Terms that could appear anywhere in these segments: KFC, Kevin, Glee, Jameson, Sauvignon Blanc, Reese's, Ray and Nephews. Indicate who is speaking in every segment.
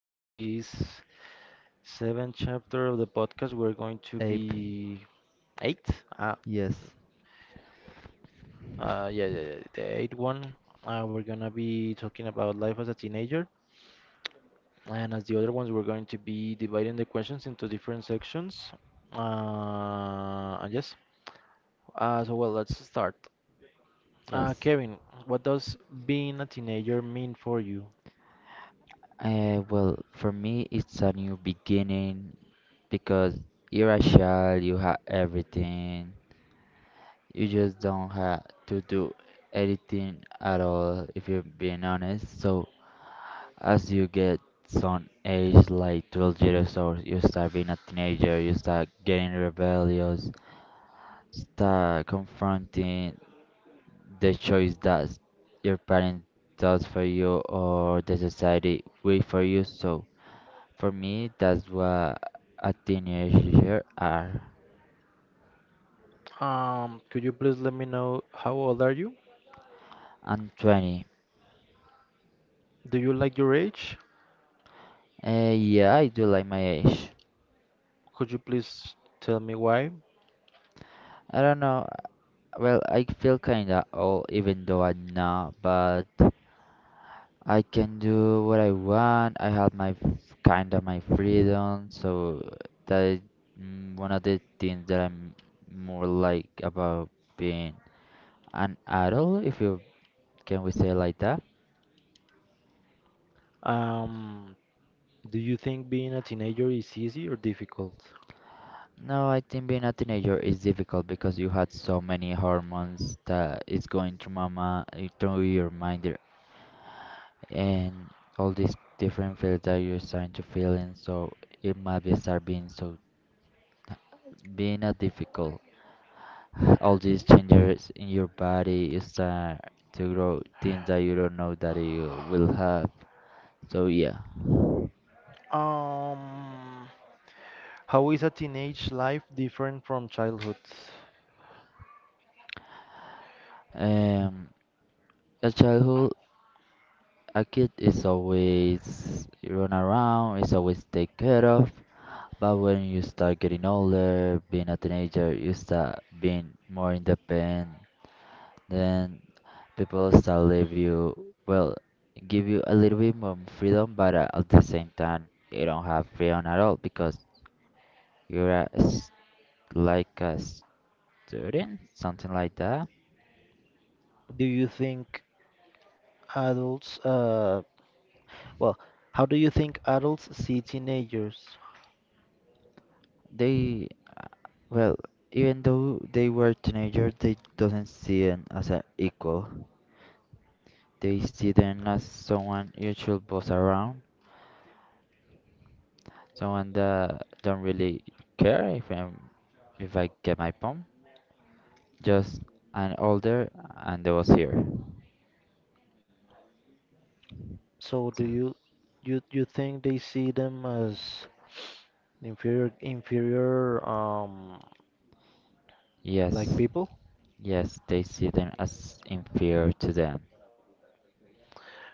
Speaker 1: in this seventh chapter of the podcast, we're going to
Speaker 2: Ape.
Speaker 1: be eight. Uh,
Speaker 2: Yes.
Speaker 1: yeah, the eighth one. We're gonna be talking about life as a teenager, and as the other ones, we're going to be dividing the questions into different sections. And yes. So well, let's start.
Speaker 2: Yes.
Speaker 1: Kevin, what does being a teenager mean for you?
Speaker 2: For me, it's a new beginning because you're a child, you have everything. You just don't have to do anything at all, if you're being honest. So, as you get some age, like 12 years old, you start being a teenager, you start getting rebellious, start confronting the choice that your parents does for you or the society wait for you. So for me, that's what a teenager are.
Speaker 1: Could you please let me know how old are you?
Speaker 2: I'm 20.
Speaker 1: Do you like your age?
Speaker 2: Yeah, I do like my age.
Speaker 1: Could you please tell me why?
Speaker 2: I don't know. Well, I feel kinda old even though I'm not, but I can do what I want. I have kinda my freedom, so that is one of the things that I'm more like about being an adult, if you can we say like that?
Speaker 1: Um, do you think being a teenager is easy or difficult?
Speaker 2: No, I think being a teenager is difficult because you had so many hormones that is going through mama through your mind, there, and all these different feelings that you're starting to feel, and so it might be start being so being a difficult. All these changes in your body, you start to grow things that you don't know that you will have. So yeah,
Speaker 1: Um, How is a teenage life different from childhood?
Speaker 2: um, a childhood A kid is always run around, is always take care of. But when you start getting older, being a teenager, you start being more independent. Then people start leave you, well, give you a little bit more freedom, but at the same time, you don't have freedom at all because you're a s like a student, something like that.
Speaker 1: Do you think adults, well, how do you think adults see teenagers?
Speaker 2: They, uh, well, Even though they were teenagers, they doesn't see them as an equal. They see them as someone usual boss around, someone that don't really care if I'm if I get my pump, just an older and they was here.
Speaker 1: So do you you think they see them as inferior, like
Speaker 2: Yes,
Speaker 1: people?
Speaker 2: yes, they see them as inferior to them.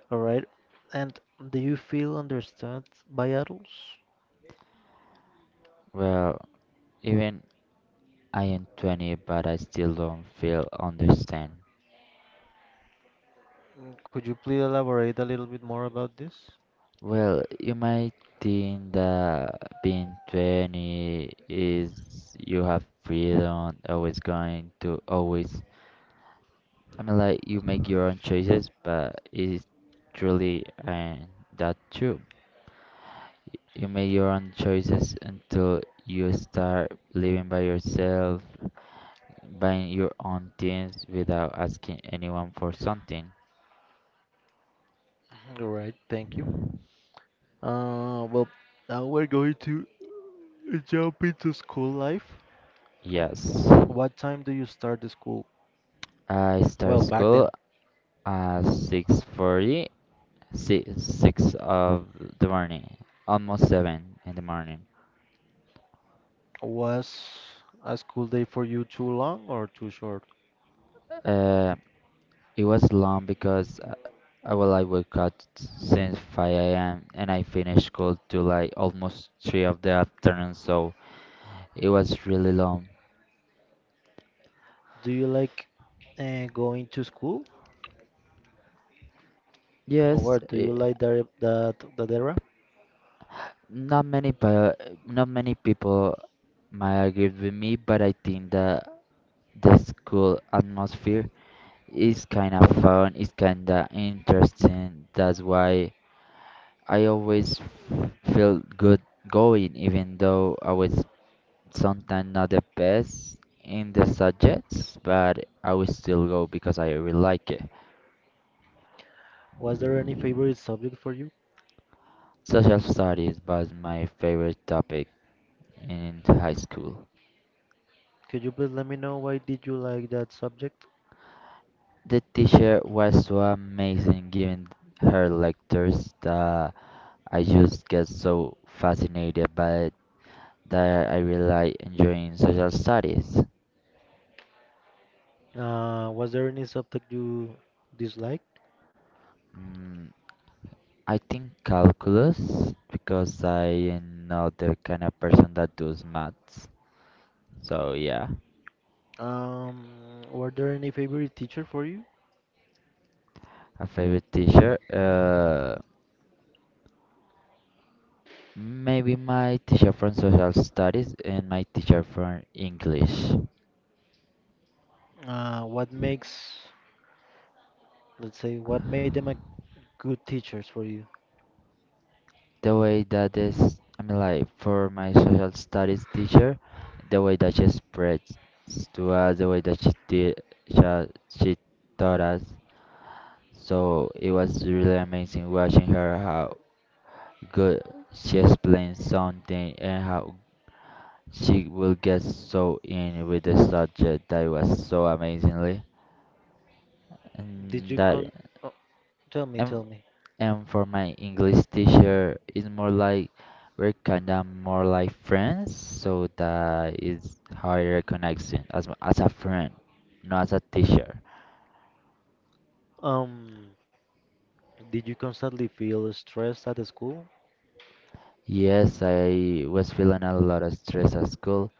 Speaker 1: All right. And do you feel understood by adults?
Speaker 2: Well, even I am 20, but I still don't feel understand.
Speaker 1: Mm, could you please elaborate a little bit more about this?
Speaker 2: Well, you might think that being 20 is you have freedom, always going to always I mean, like you make your own choices, but it's truly and that true. You make your own choices until you start living by yourself, buying your own things without asking anyone for something.
Speaker 1: All right, thank you. Well, now we're going to jump into school life. Mm,
Speaker 2: Yes,
Speaker 1: what time do you start the school?
Speaker 2: I start
Speaker 1: Well, back
Speaker 2: school
Speaker 1: then,
Speaker 2: at 6:40, six six of the morning, almost seven in the morning.
Speaker 1: was a school day for you too long or too short?
Speaker 2: Uh, It was long because well, I woke up since 5 a.m. and I finished school till like almost 3 of the afternoon, so it was really long.
Speaker 1: Do you like going to school? Or
Speaker 2: Yes,
Speaker 1: what do you
Speaker 2: it,
Speaker 1: like that era?
Speaker 2: not many but not many people might agree with me, but I think that the school atmosphere is kind of fun, it's kind of interesting. That's why I always felt good going, even though I was sometimes not the best in the subjects, but I will still go because I really like it.
Speaker 1: Was there any favorite subject for you?
Speaker 2: Social studies was my favorite topic in high school.
Speaker 1: Could you please let me know why did you like that subject?
Speaker 2: The teacher was so amazing giving her lectures that I just get so fascinated by it that I really like enjoying social studies.
Speaker 1: Was there any subject you disliked?
Speaker 2: Mm, I think calculus because I am not the kind of person that does maths. So yeah.
Speaker 1: Um, were there any favorite teacher for you?
Speaker 2: A favorite teacher? Maybe my teacher from social studies and my teacher from English.
Speaker 1: What makes, let's say, what made them a good teachers for you?
Speaker 2: The way that is, I mean, like for my social studies teacher, the way that she expressed to us, the way that she did, she taught us. So it was really amazing watching her how good she explained something and how she will get so in with the subject that was so amazingly.
Speaker 1: Did
Speaker 2: And
Speaker 1: you
Speaker 2: that
Speaker 1: con? Oh, tell me, tell
Speaker 2: and,
Speaker 1: me.
Speaker 2: and for my English teacher it's more like we're kind of more like friends so that is how I recognize him as as a friend not as a teacher.
Speaker 1: Um, did you constantly feel stressed at the school?
Speaker 2: Yes, I was feeling a lot of stress at school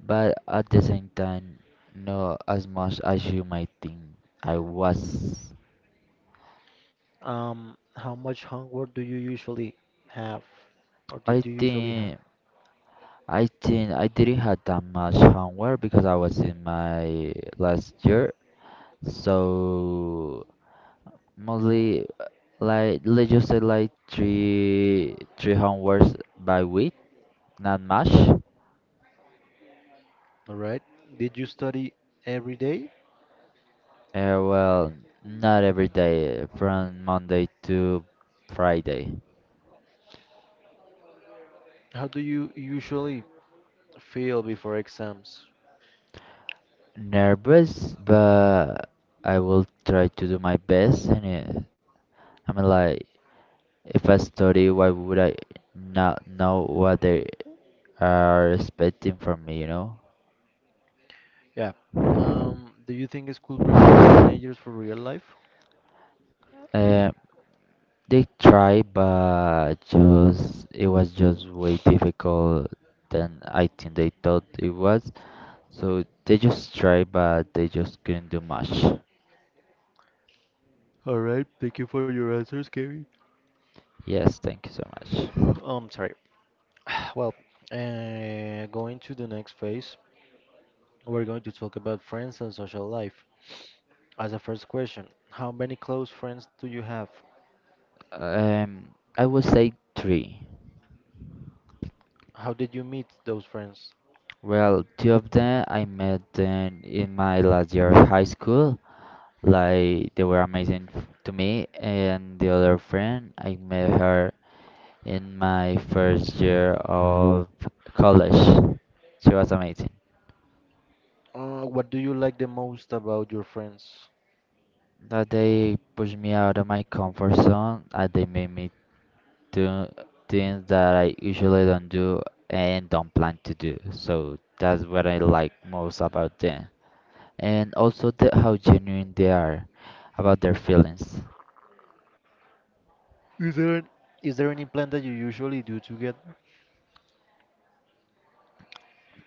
Speaker 2: but at the same time not as much as you might think I was.
Speaker 1: How much homework do you usually have, or did
Speaker 2: I
Speaker 1: you usually have?
Speaker 2: think I think I didn't have that much homework because I was in my last year. So mostly like let's just say like three homeworks by week, not much.
Speaker 1: All right. Did you study every day?
Speaker 2: Well, not every day from Monday to Friday.
Speaker 1: How do you usually feel before exams.
Speaker 2: Nervous, but I will try to do my best in it. I mean, like if I study, why would I not know what they are expecting from me? You know.
Speaker 1: Yeah. Do you think school prepares teenagers for real life?
Speaker 2: Um, They tried, but just it was just way difficult than I think they thought it was. So they just tried, but they just couldn't do much.
Speaker 1: All right, thank you for your answers, Kevin.
Speaker 2: Yes, thank you so much.
Speaker 1: Sorry. Well, going to the next phase, we're going to talk about friends and social life. As a first question, how many close friends do you have?
Speaker 2: Um, I would say three.
Speaker 1: How did you meet those friends?
Speaker 2: Well, two of them I met them in my last year of high school. Like they were amazing to me, and the other friend I met her in my first year of college. She was amazing.
Speaker 1: What do you like the most about your friends?
Speaker 2: That they pushed me out of my comfort zone and they made me do things that I usually don't do and don't plan to do. So that's what I like most about them. And also the, how genuine they are about their feelings.
Speaker 1: Is there an Is there any plan that you usually do together?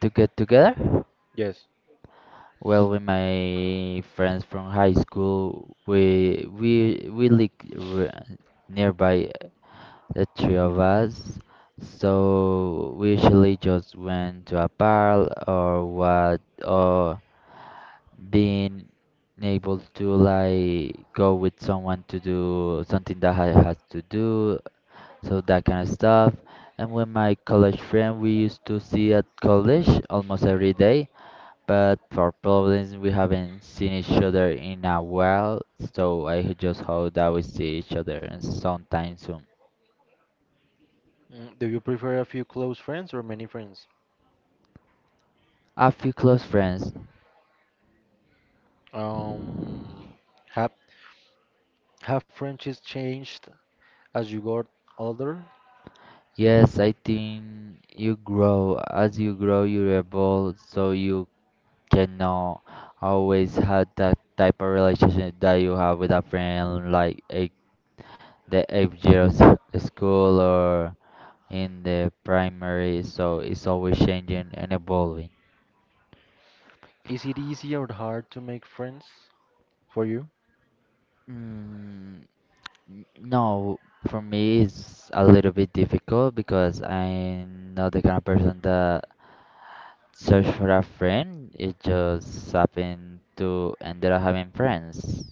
Speaker 2: To get together?
Speaker 1: Yes.
Speaker 2: Well, with my friends from high school, we live r- nearby the three of us. So we usually just went to a bar or what, or being able to like go with someone to do something that I had to do, so that kind of stuff. And with my college friend, we used to see at college almost every day, but for problems we haven't seen each other in a while, so I just hope that we see each other and sometime soon.
Speaker 1: Mm, do you prefer a few close friends or many friends?
Speaker 2: A few close friends.
Speaker 1: Um, have have friendships changed as you got older?
Speaker 2: Yes, I think you grow. As you grow, you evolve, so you cannot always have that type of relationship that you have with a friend, like the eighth year of school or in the primary. So it's always changing and evolving.
Speaker 1: Is it easy or hard to make friends for you?
Speaker 2: Mm, no, for me it's a little bit difficult because I'm not the kind of person that search for a friend. It just happened to ended up having friends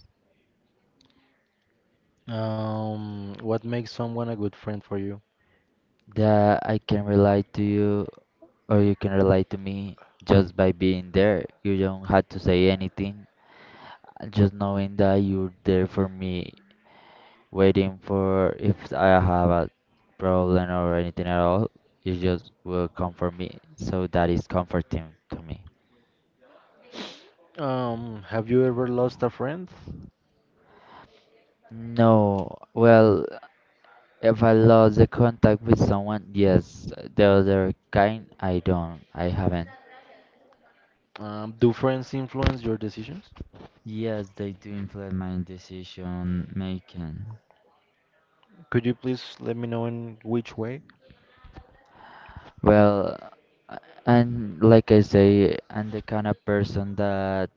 Speaker 1: What makes someone a good friend for you?
Speaker 2: that I can relate to you or you can relate to me just by being there. You don't have to say anything. Just knowing that you're there for me, waiting for if I have a problem or anything at all, you just will come for me. So that is comforting to me.
Speaker 1: Have you ever lost a friend?
Speaker 2: No, well, if I lost the contact with someone, yes. The other kind, I don't. I haven't.
Speaker 1: Do friends influence your decisions?
Speaker 2: Yes, they do influence my decision making.
Speaker 1: Could you please let me know in which way?
Speaker 2: Well, a- and like I say, I'm the kind of person that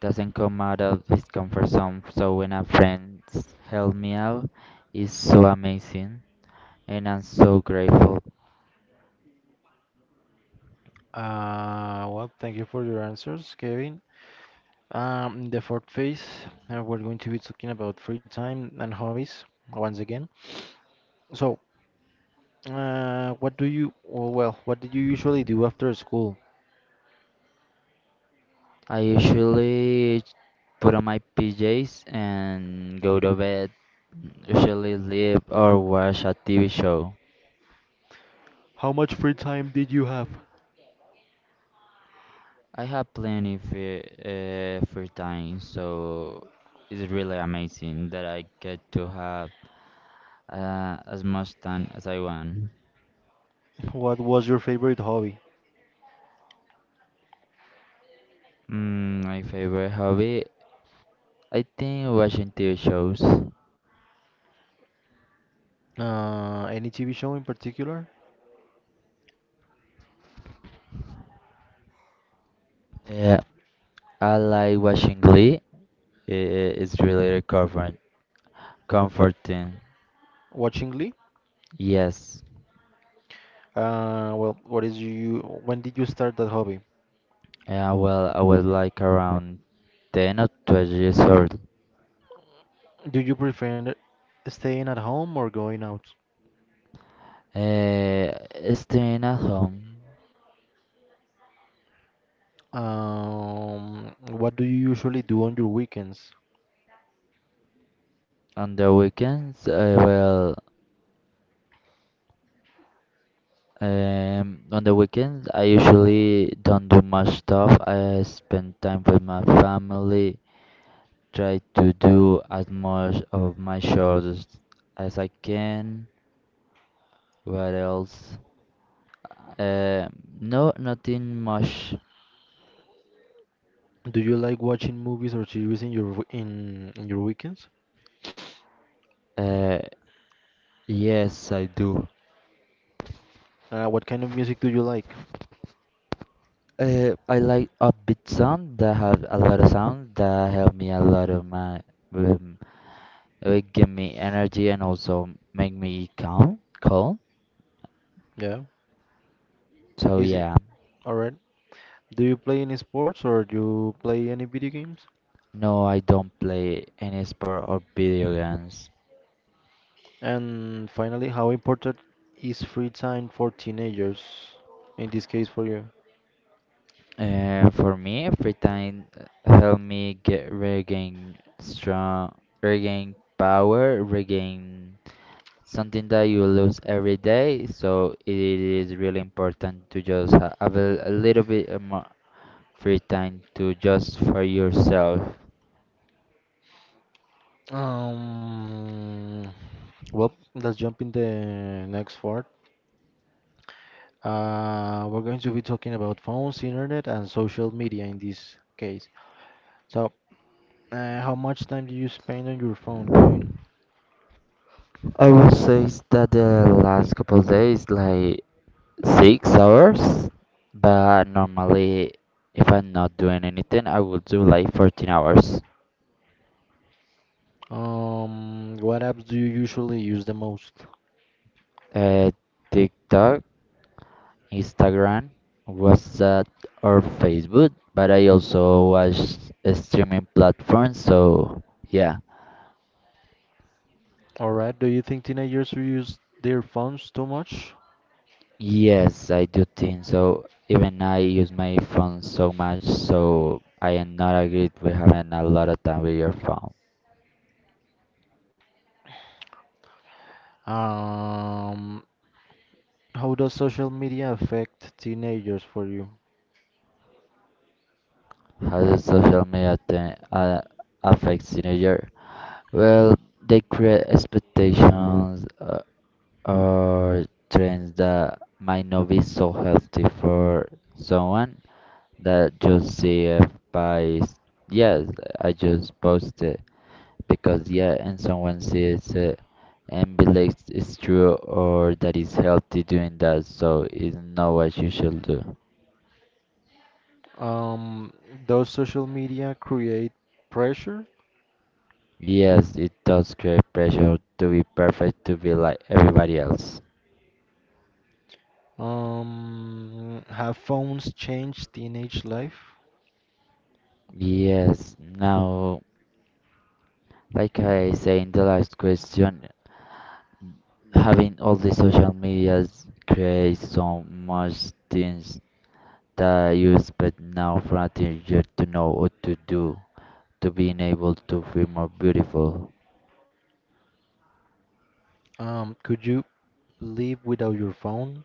Speaker 2: doesn't come out of his comfort zone. So when a friend help me out, it's so amazing, and I'm so grateful.
Speaker 1: Well, thank you for your answers, Kevin. In the fourth phase, we're going to be talking about free time and hobbies once again. So, what do you, or, well, what did you usually do after school?
Speaker 2: I usually put on my PJs and go to bed. Usually live or watch a TV show.
Speaker 1: How much free time did you have?
Speaker 2: I have plenty free, free time, so it's really amazing that I get to have as much time as I want.
Speaker 1: What was your favorite hobby?
Speaker 2: My favorite hobby, I think watching TV shows.
Speaker 1: Any TV show in particular?
Speaker 2: Yeah, I like watching Glee. It's really comforting.
Speaker 1: Watching Glee?
Speaker 2: Yes.
Speaker 1: Uh, well, what is you, when did you start that hobby?
Speaker 2: Yeah, well, I was like around 10 or 12 years old.
Speaker 1: Do you prefer staying at home or going out?
Speaker 2: Uh, Staying at home
Speaker 1: What do you usually do on your weekends?
Speaker 2: on the weekends, I will on the weekends I usually don't do much stuff. I spend time with my family, try to do as much of my chores as I can. What else? Uh, no, nothing much.
Speaker 1: Do you like watching movies or series in your w- in your weekends?
Speaker 2: Uh, yes, I do.
Speaker 1: What kind of music do you like?
Speaker 2: I like upbeat sound that have a lot of sound that help me a lot of my. With it would give me energy and also make me calm, calm.
Speaker 1: Yeah.
Speaker 2: So
Speaker 1: Is it
Speaker 2: yeah,
Speaker 1: all right? Do you play any sports or do you play any video games?
Speaker 2: no, I don't play any sport or video games.
Speaker 1: And finally, how important is free time for teenagers? In this case, for you.
Speaker 2: For me, free time help me get regain strong, regain power, regain something that you lose every day. So it is really important to just have a little bit more free time to just for yourself.
Speaker 1: Um. Well, let's jump in the next part. We're going to be talking about phones, internet, and social media in this case. So, how much time do you spend on your phone, Kevin?
Speaker 2: I would say that the last couple of days, like 6 hours, but normally if I'm not doing anything, I will do like 14 hours.
Speaker 1: What apps do you usually use the most?
Speaker 2: Uh, TikTok, Instagram, WhatsApp, or Facebook, but I also watch streaming platforms, so yeah.
Speaker 1: All right, do you think teenagers use their phones too much?
Speaker 2: Yes, I do think so. Even I use my phone so much, so I am not agreed with having a lot of time with your phone.
Speaker 1: Um, how does social media affect teenagers for you?
Speaker 2: How does social media affect teenager? Well, they create expectations or trends that might not be so healthy for someone that just see it yes, I just post it because yeah, and someone sees it and believes it's true or that it's healthy doing that, so it's not what you should do.
Speaker 1: Um, does social media create pressure?
Speaker 2: Yes, it does create pressure to be perfect to be like everybody else.
Speaker 1: Have phones changed teenage life?
Speaker 2: Yes, now. Like I say in the last question, having all the social medias creates so much things that you expect now from a teenager to know what to do, to being able to feel more beautiful.
Speaker 1: Could you live without your phone?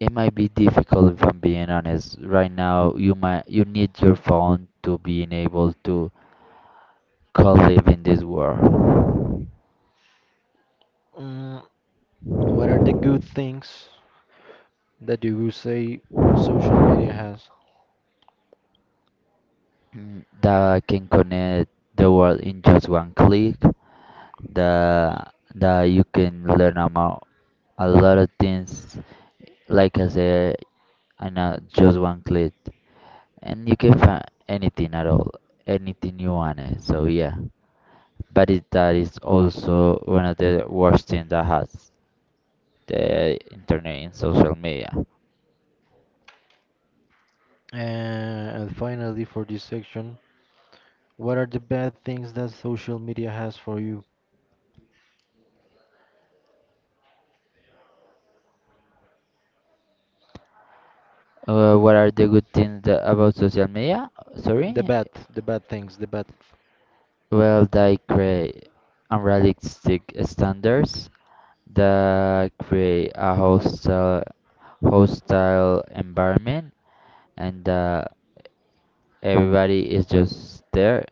Speaker 2: It might be difficult if I'm being honest. Right now, you need your phone to being able to co-live in this world.
Speaker 1: Mm, what are the good things that you would say social media has.
Speaker 2: Mm, that can connect the world in just one click. That you can learn about a lot of things. Like I said, and know just one click, and you can find anything at all, anything you want. It. So yeah, but that is also one of the worst things that has the internet and social media.
Speaker 1: And finally, for this section, what are the bad things that social media has for you?
Speaker 2: What are the good things that, about social media?
Speaker 1: The
Speaker 2: Sorry,
Speaker 1: bad, the bad things, the bad.
Speaker 2: well, they create unrealistic standards that create a hostile environment and everybody is just there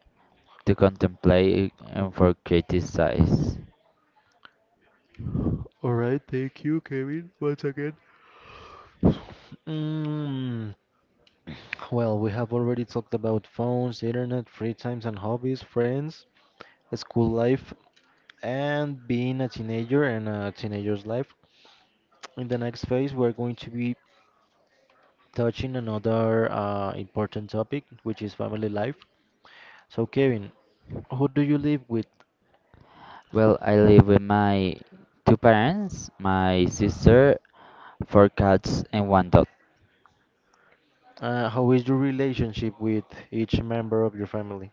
Speaker 2: to contemplate and for criticize.
Speaker 1: All right, thank you, Kevin, once again. Mm, well, we have already talked about phones, internet, free times and hobbies, friends, school life, and being a teenager and a teenager's life. In the next phase, we're going to be touching another important topic, which is family life. So, Kevin, who do you live with?
Speaker 2: Well, I live with my two parents, my sister, four cats, and one dog.
Speaker 1: How is your relationship with each member of your family?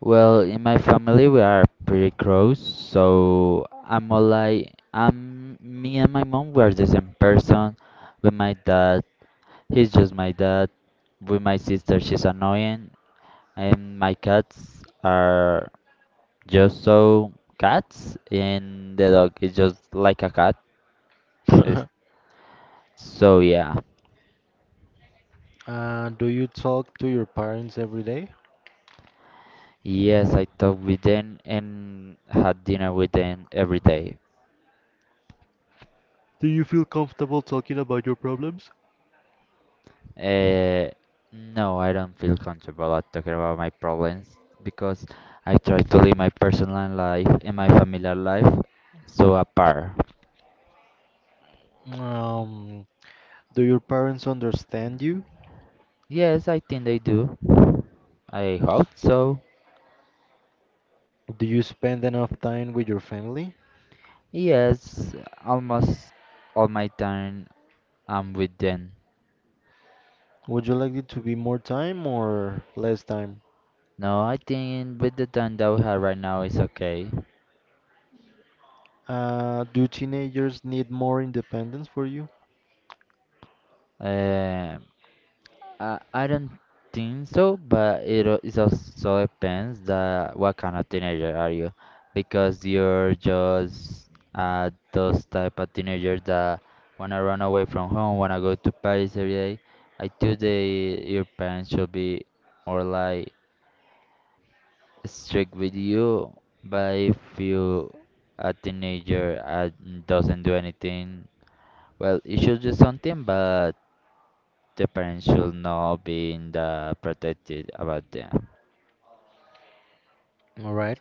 Speaker 2: Well, in my family we are pretty close, so I'm all like I'm me and my mom we are the same person. With my dad, he's just my dad. With my sister, she's annoying, and my cats are just so cats, and the dog is just like a cat. Is- So yeah.
Speaker 1: Do you talk to your parents every day?
Speaker 2: Yes, I talk with them and had dinner with them every day.
Speaker 1: Do you feel comfortable talking about your problems?
Speaker 2: Uh, no, I don't feel comfortable at talking about my problems because I try to live my personal life and my familiar life so apart.
Speaker 1: Um, do your parents understand you?
Speaker 2: Yes, I think they do. I hope so.
Speaker 1: Do you spend enough time with your family?
Speaker 2: Yes, almost all my time I'm with them.
Speaker 1: Would you like it to be more time or less time?
Speaker 2: No, I think with the time that we have right now is okay.
Speaker 1: Do teenagers need more independence for you?
Speaker 2: Uh, I don't think so, but it also depends that what kind of teenager are you, because you're just those type of teenagers that wanna run away from home, wanna go to Paris every day. I think they your parents should be more like strict with you, but if you a teenager doesn't do anything well, you should do something, but the parents should not be in the protected about them.
Speaker 1: All right.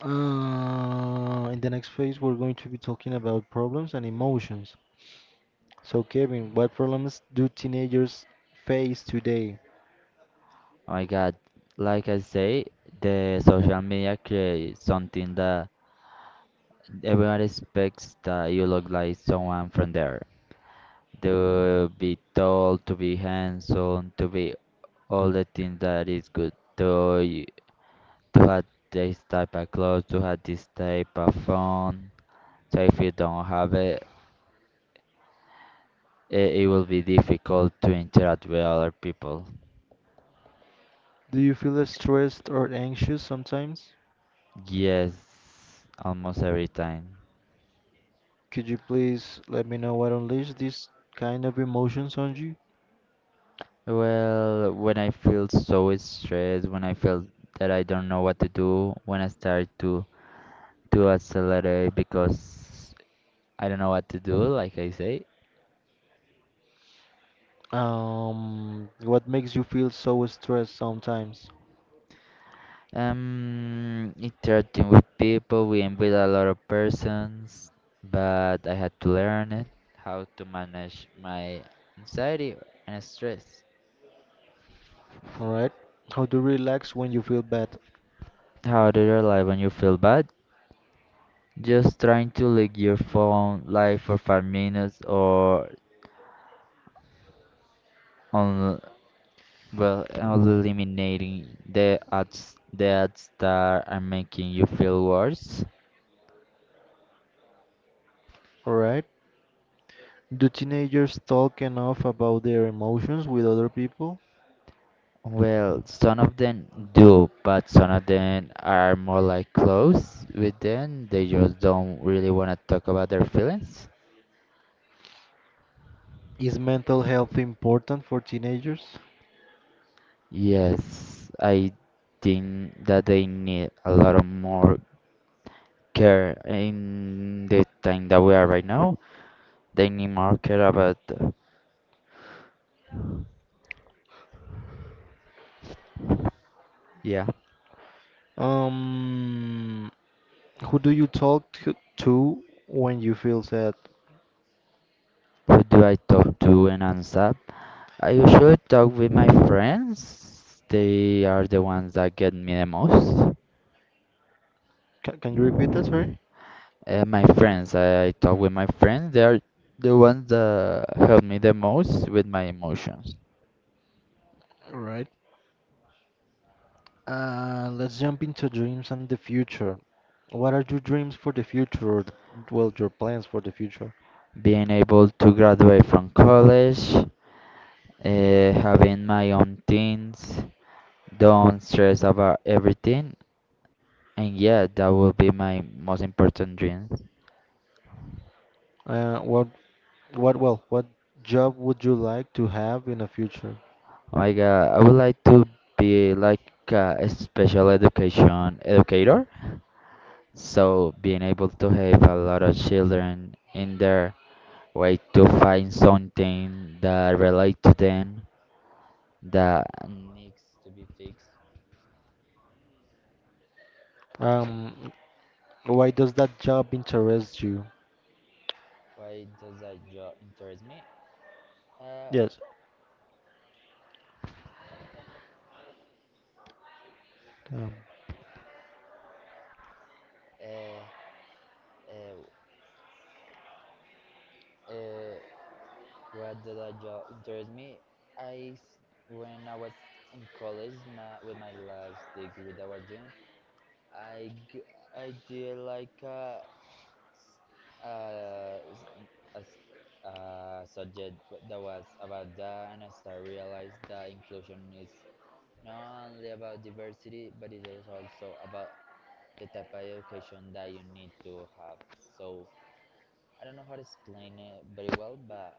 Speaker 1: In the next phase, we're going to be talking about problems and emotions. So, Kevin, what problems do teenagers face today?
Speaker 2: Oh my God, like I say, the social media creates something that everyone expects that you look like someone from there. They will be told to be handsome, to be all the things that is good, to you, to have this type of clothes, to have this type of phone. So if you don't have it, it will be difficult to interact with other people.
Speaker 1: Do you feel stressed or anxious sometimes?
Speaker 2: Yes, almost every time.
Speaker 1: Could you please let me know what unleashes these kind of emotions on you?
Speaker 2: Well, when I feel so stressed, when I feel that I don't know what to do, when I start to accelerate because I don't know what to do, like I say.
Speaker 1: What makes you feel so stressed sometimes?
Speaker 2: Interacting with people, we am with a lot of persons, but I had to learn it, how to manage my anxiety and stress.
Speaker 1: All right. How to relax when you feel bad?
Speaker 2: How do you live when you feel bad? Just trying to leave your phone live for 5 minutes or on, well, eliminating the ads that are making you feel worse.
Speaker 1: All right. Do teenagers talk enough about their emotions with other people?
Speaker 2: Well, some of them do, but some of them are more like close with them. They just don't really want to talk about their feelings.
Speaker 1: Is mental health important for teenagers?
Speaker 2: Yes, I think that they need a lot of more care in the time that we are right now. Daily market about yeah.
Speaker 1: Um, who do you talk to when you feel sad?
Speaker 2: Who do I talk to and answer? I usually talk with my
Speaker 1: Can,
Speaker 2: friends, they are the ones that get me the most.
Speaker 1: can you repeat that, sorry?
Speaker 2: My friends, I talk with my friends, they are the ones that help me the most with my emotions.
Speaker 1: Right. Let's jump into dreams and the future. What are your dreams for the future, or well, your plans for the future?
Speaker 2: Being able to graduate from college, having my own things, don't stress about everything, and yeah, that will be my most important dream.
Speaker 1: Uh, what, what job would you like to have in the future?
Speaker 2: Like, I would like to be like a special education educator, so being able to help a lot of children in their way to find something that relate to them that needs to be fixed.
Speaker 1: Um, why does that job interest you?
Speaker 2: Why does that job interest me? Uh,
Speaker 1: Yes. Um,
Speaker 2: uh, uh, uh, what does that job interest me? I s- when I was in college, my, with my last degree that I was doing. I, g- I did like a, a, s- a subject that was about that, and as I realized that inclusion is not only about diversity, but it is also about the type of education that you need to have. So I don't know how to explain it very well, but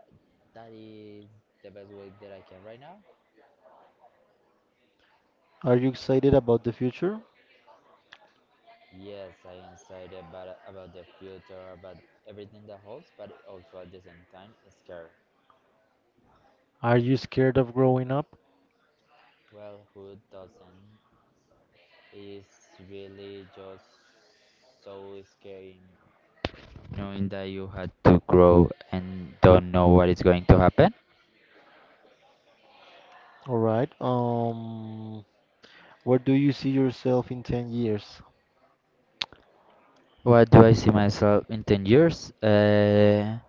Speaker 2: that is the best way that I can right now.
Speaker 1: Are you excited about the future?
Speaker 2: Yes, I am excited about the future, about everything that holds, but also at the same time scared.
Speaker 1: Are you scared of growing up?
Speaker 2: Well, who doesn't? It's really just so scary knowing that you had to grow and don't know what is going to happen.
Speaker 1: All right. Where do you see yourself in 10 years?
Speaker 2: What do I see myself in 10 years?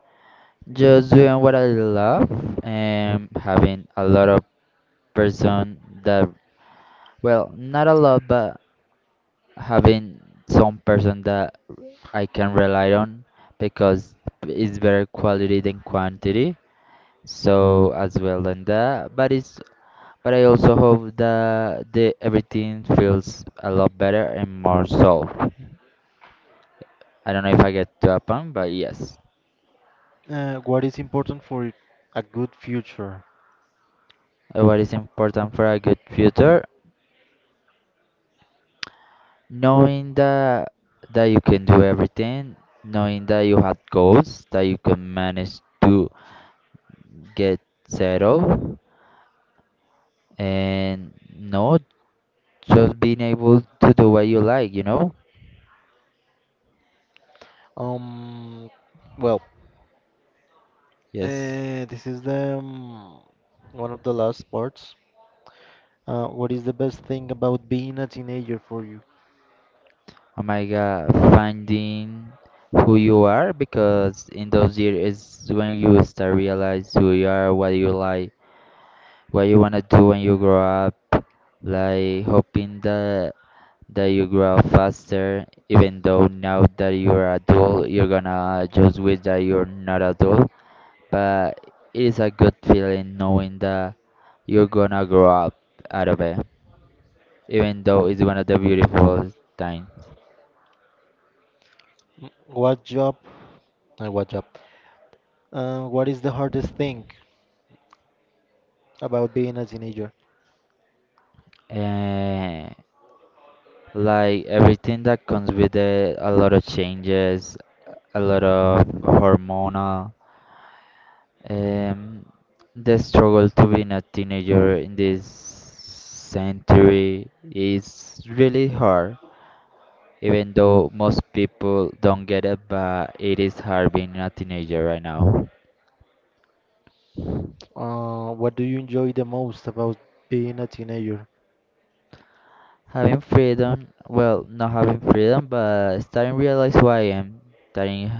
Speaker 2: Just doing what I love and having a lot of person that, well, not a lot, but having some person that I can rely on because it's better quality than quantity. So as well than that, but it's but I also hope that the everything feels a lot better and more solved. I don't know if I get to a point, but yes.
Speaker 1: What is important for a good future?
Speaker 2: What is important for a good future? Knowing that you can do everything, knowing that you have goals that you can manage to get settled, and no, just being able to do what you like, you know?
Speaker 1: Um, well,
Speaker 2: Yes.
Speaker 1: uh, this is the one of the last parts. What is the best thing about being a teenager for you?
Speaker 2: Oh my God, finding who you are because in those years is when you start realize who you are, what you like, what you wanna do when you grow up. Like hoping that you grow up faster, even though now that you're adult, you're gonna just wish that you're not adult. But it is a good feeling knowing that you're gonna grow up out of it, even though it's one of the beautiful times.
Speaker 1: Mm, What job? What job? What is the hardest thing about being a teenager?
Speaker 2: Eh, Like everything that comes with it, a lot of changes, a lot of hormonal, um, the struggle to being a teenager in this century is really hard. Even though most people don't get it, but it is hard being a teenager right now.
Speaker 1: What do you enjoy the most about being a teenager?
Speaker 2: Having freedom, well, not having freedom, but starting realize who I am, starting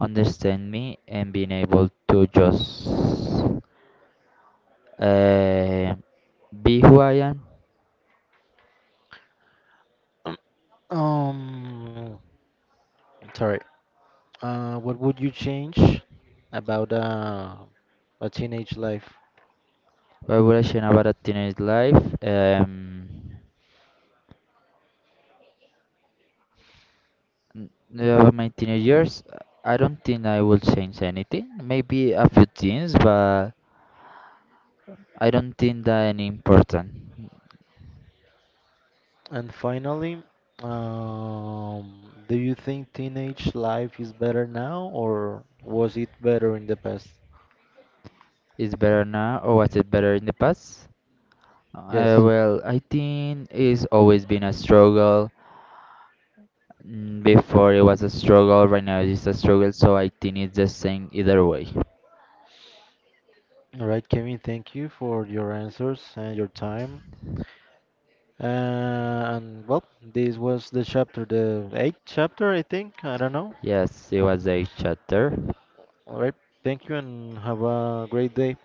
Speaker 2: understand me, and being able to just Uh, be who I am.
Speaker 1: Um, Sorry. What would you change about a teenage life?
Speaker 2: Why would I change about a teenage life? About my teenage years, I don't think I will change anything. Maybe a few things, but I don't think that any important.
Speaker 1: And finally, do you think teenage life is better now or was it better in the past?
Speaker 2: Is better now or was it better in the past?
Speaker 1: Yes.
Speaker 2: Well, I think it's always been a struggle. Mm, before it was a struggle, right now it's a struggle, so I think it's the same either way.
Speaker 1: All right, Kevin, thank you for your answers and your time. And well, this was the chapter, the eighth chapter, I think. I don't know.
Speaker 2: Yes, it was a chapter.
Speaker 1: All right. Thank you and have a great day.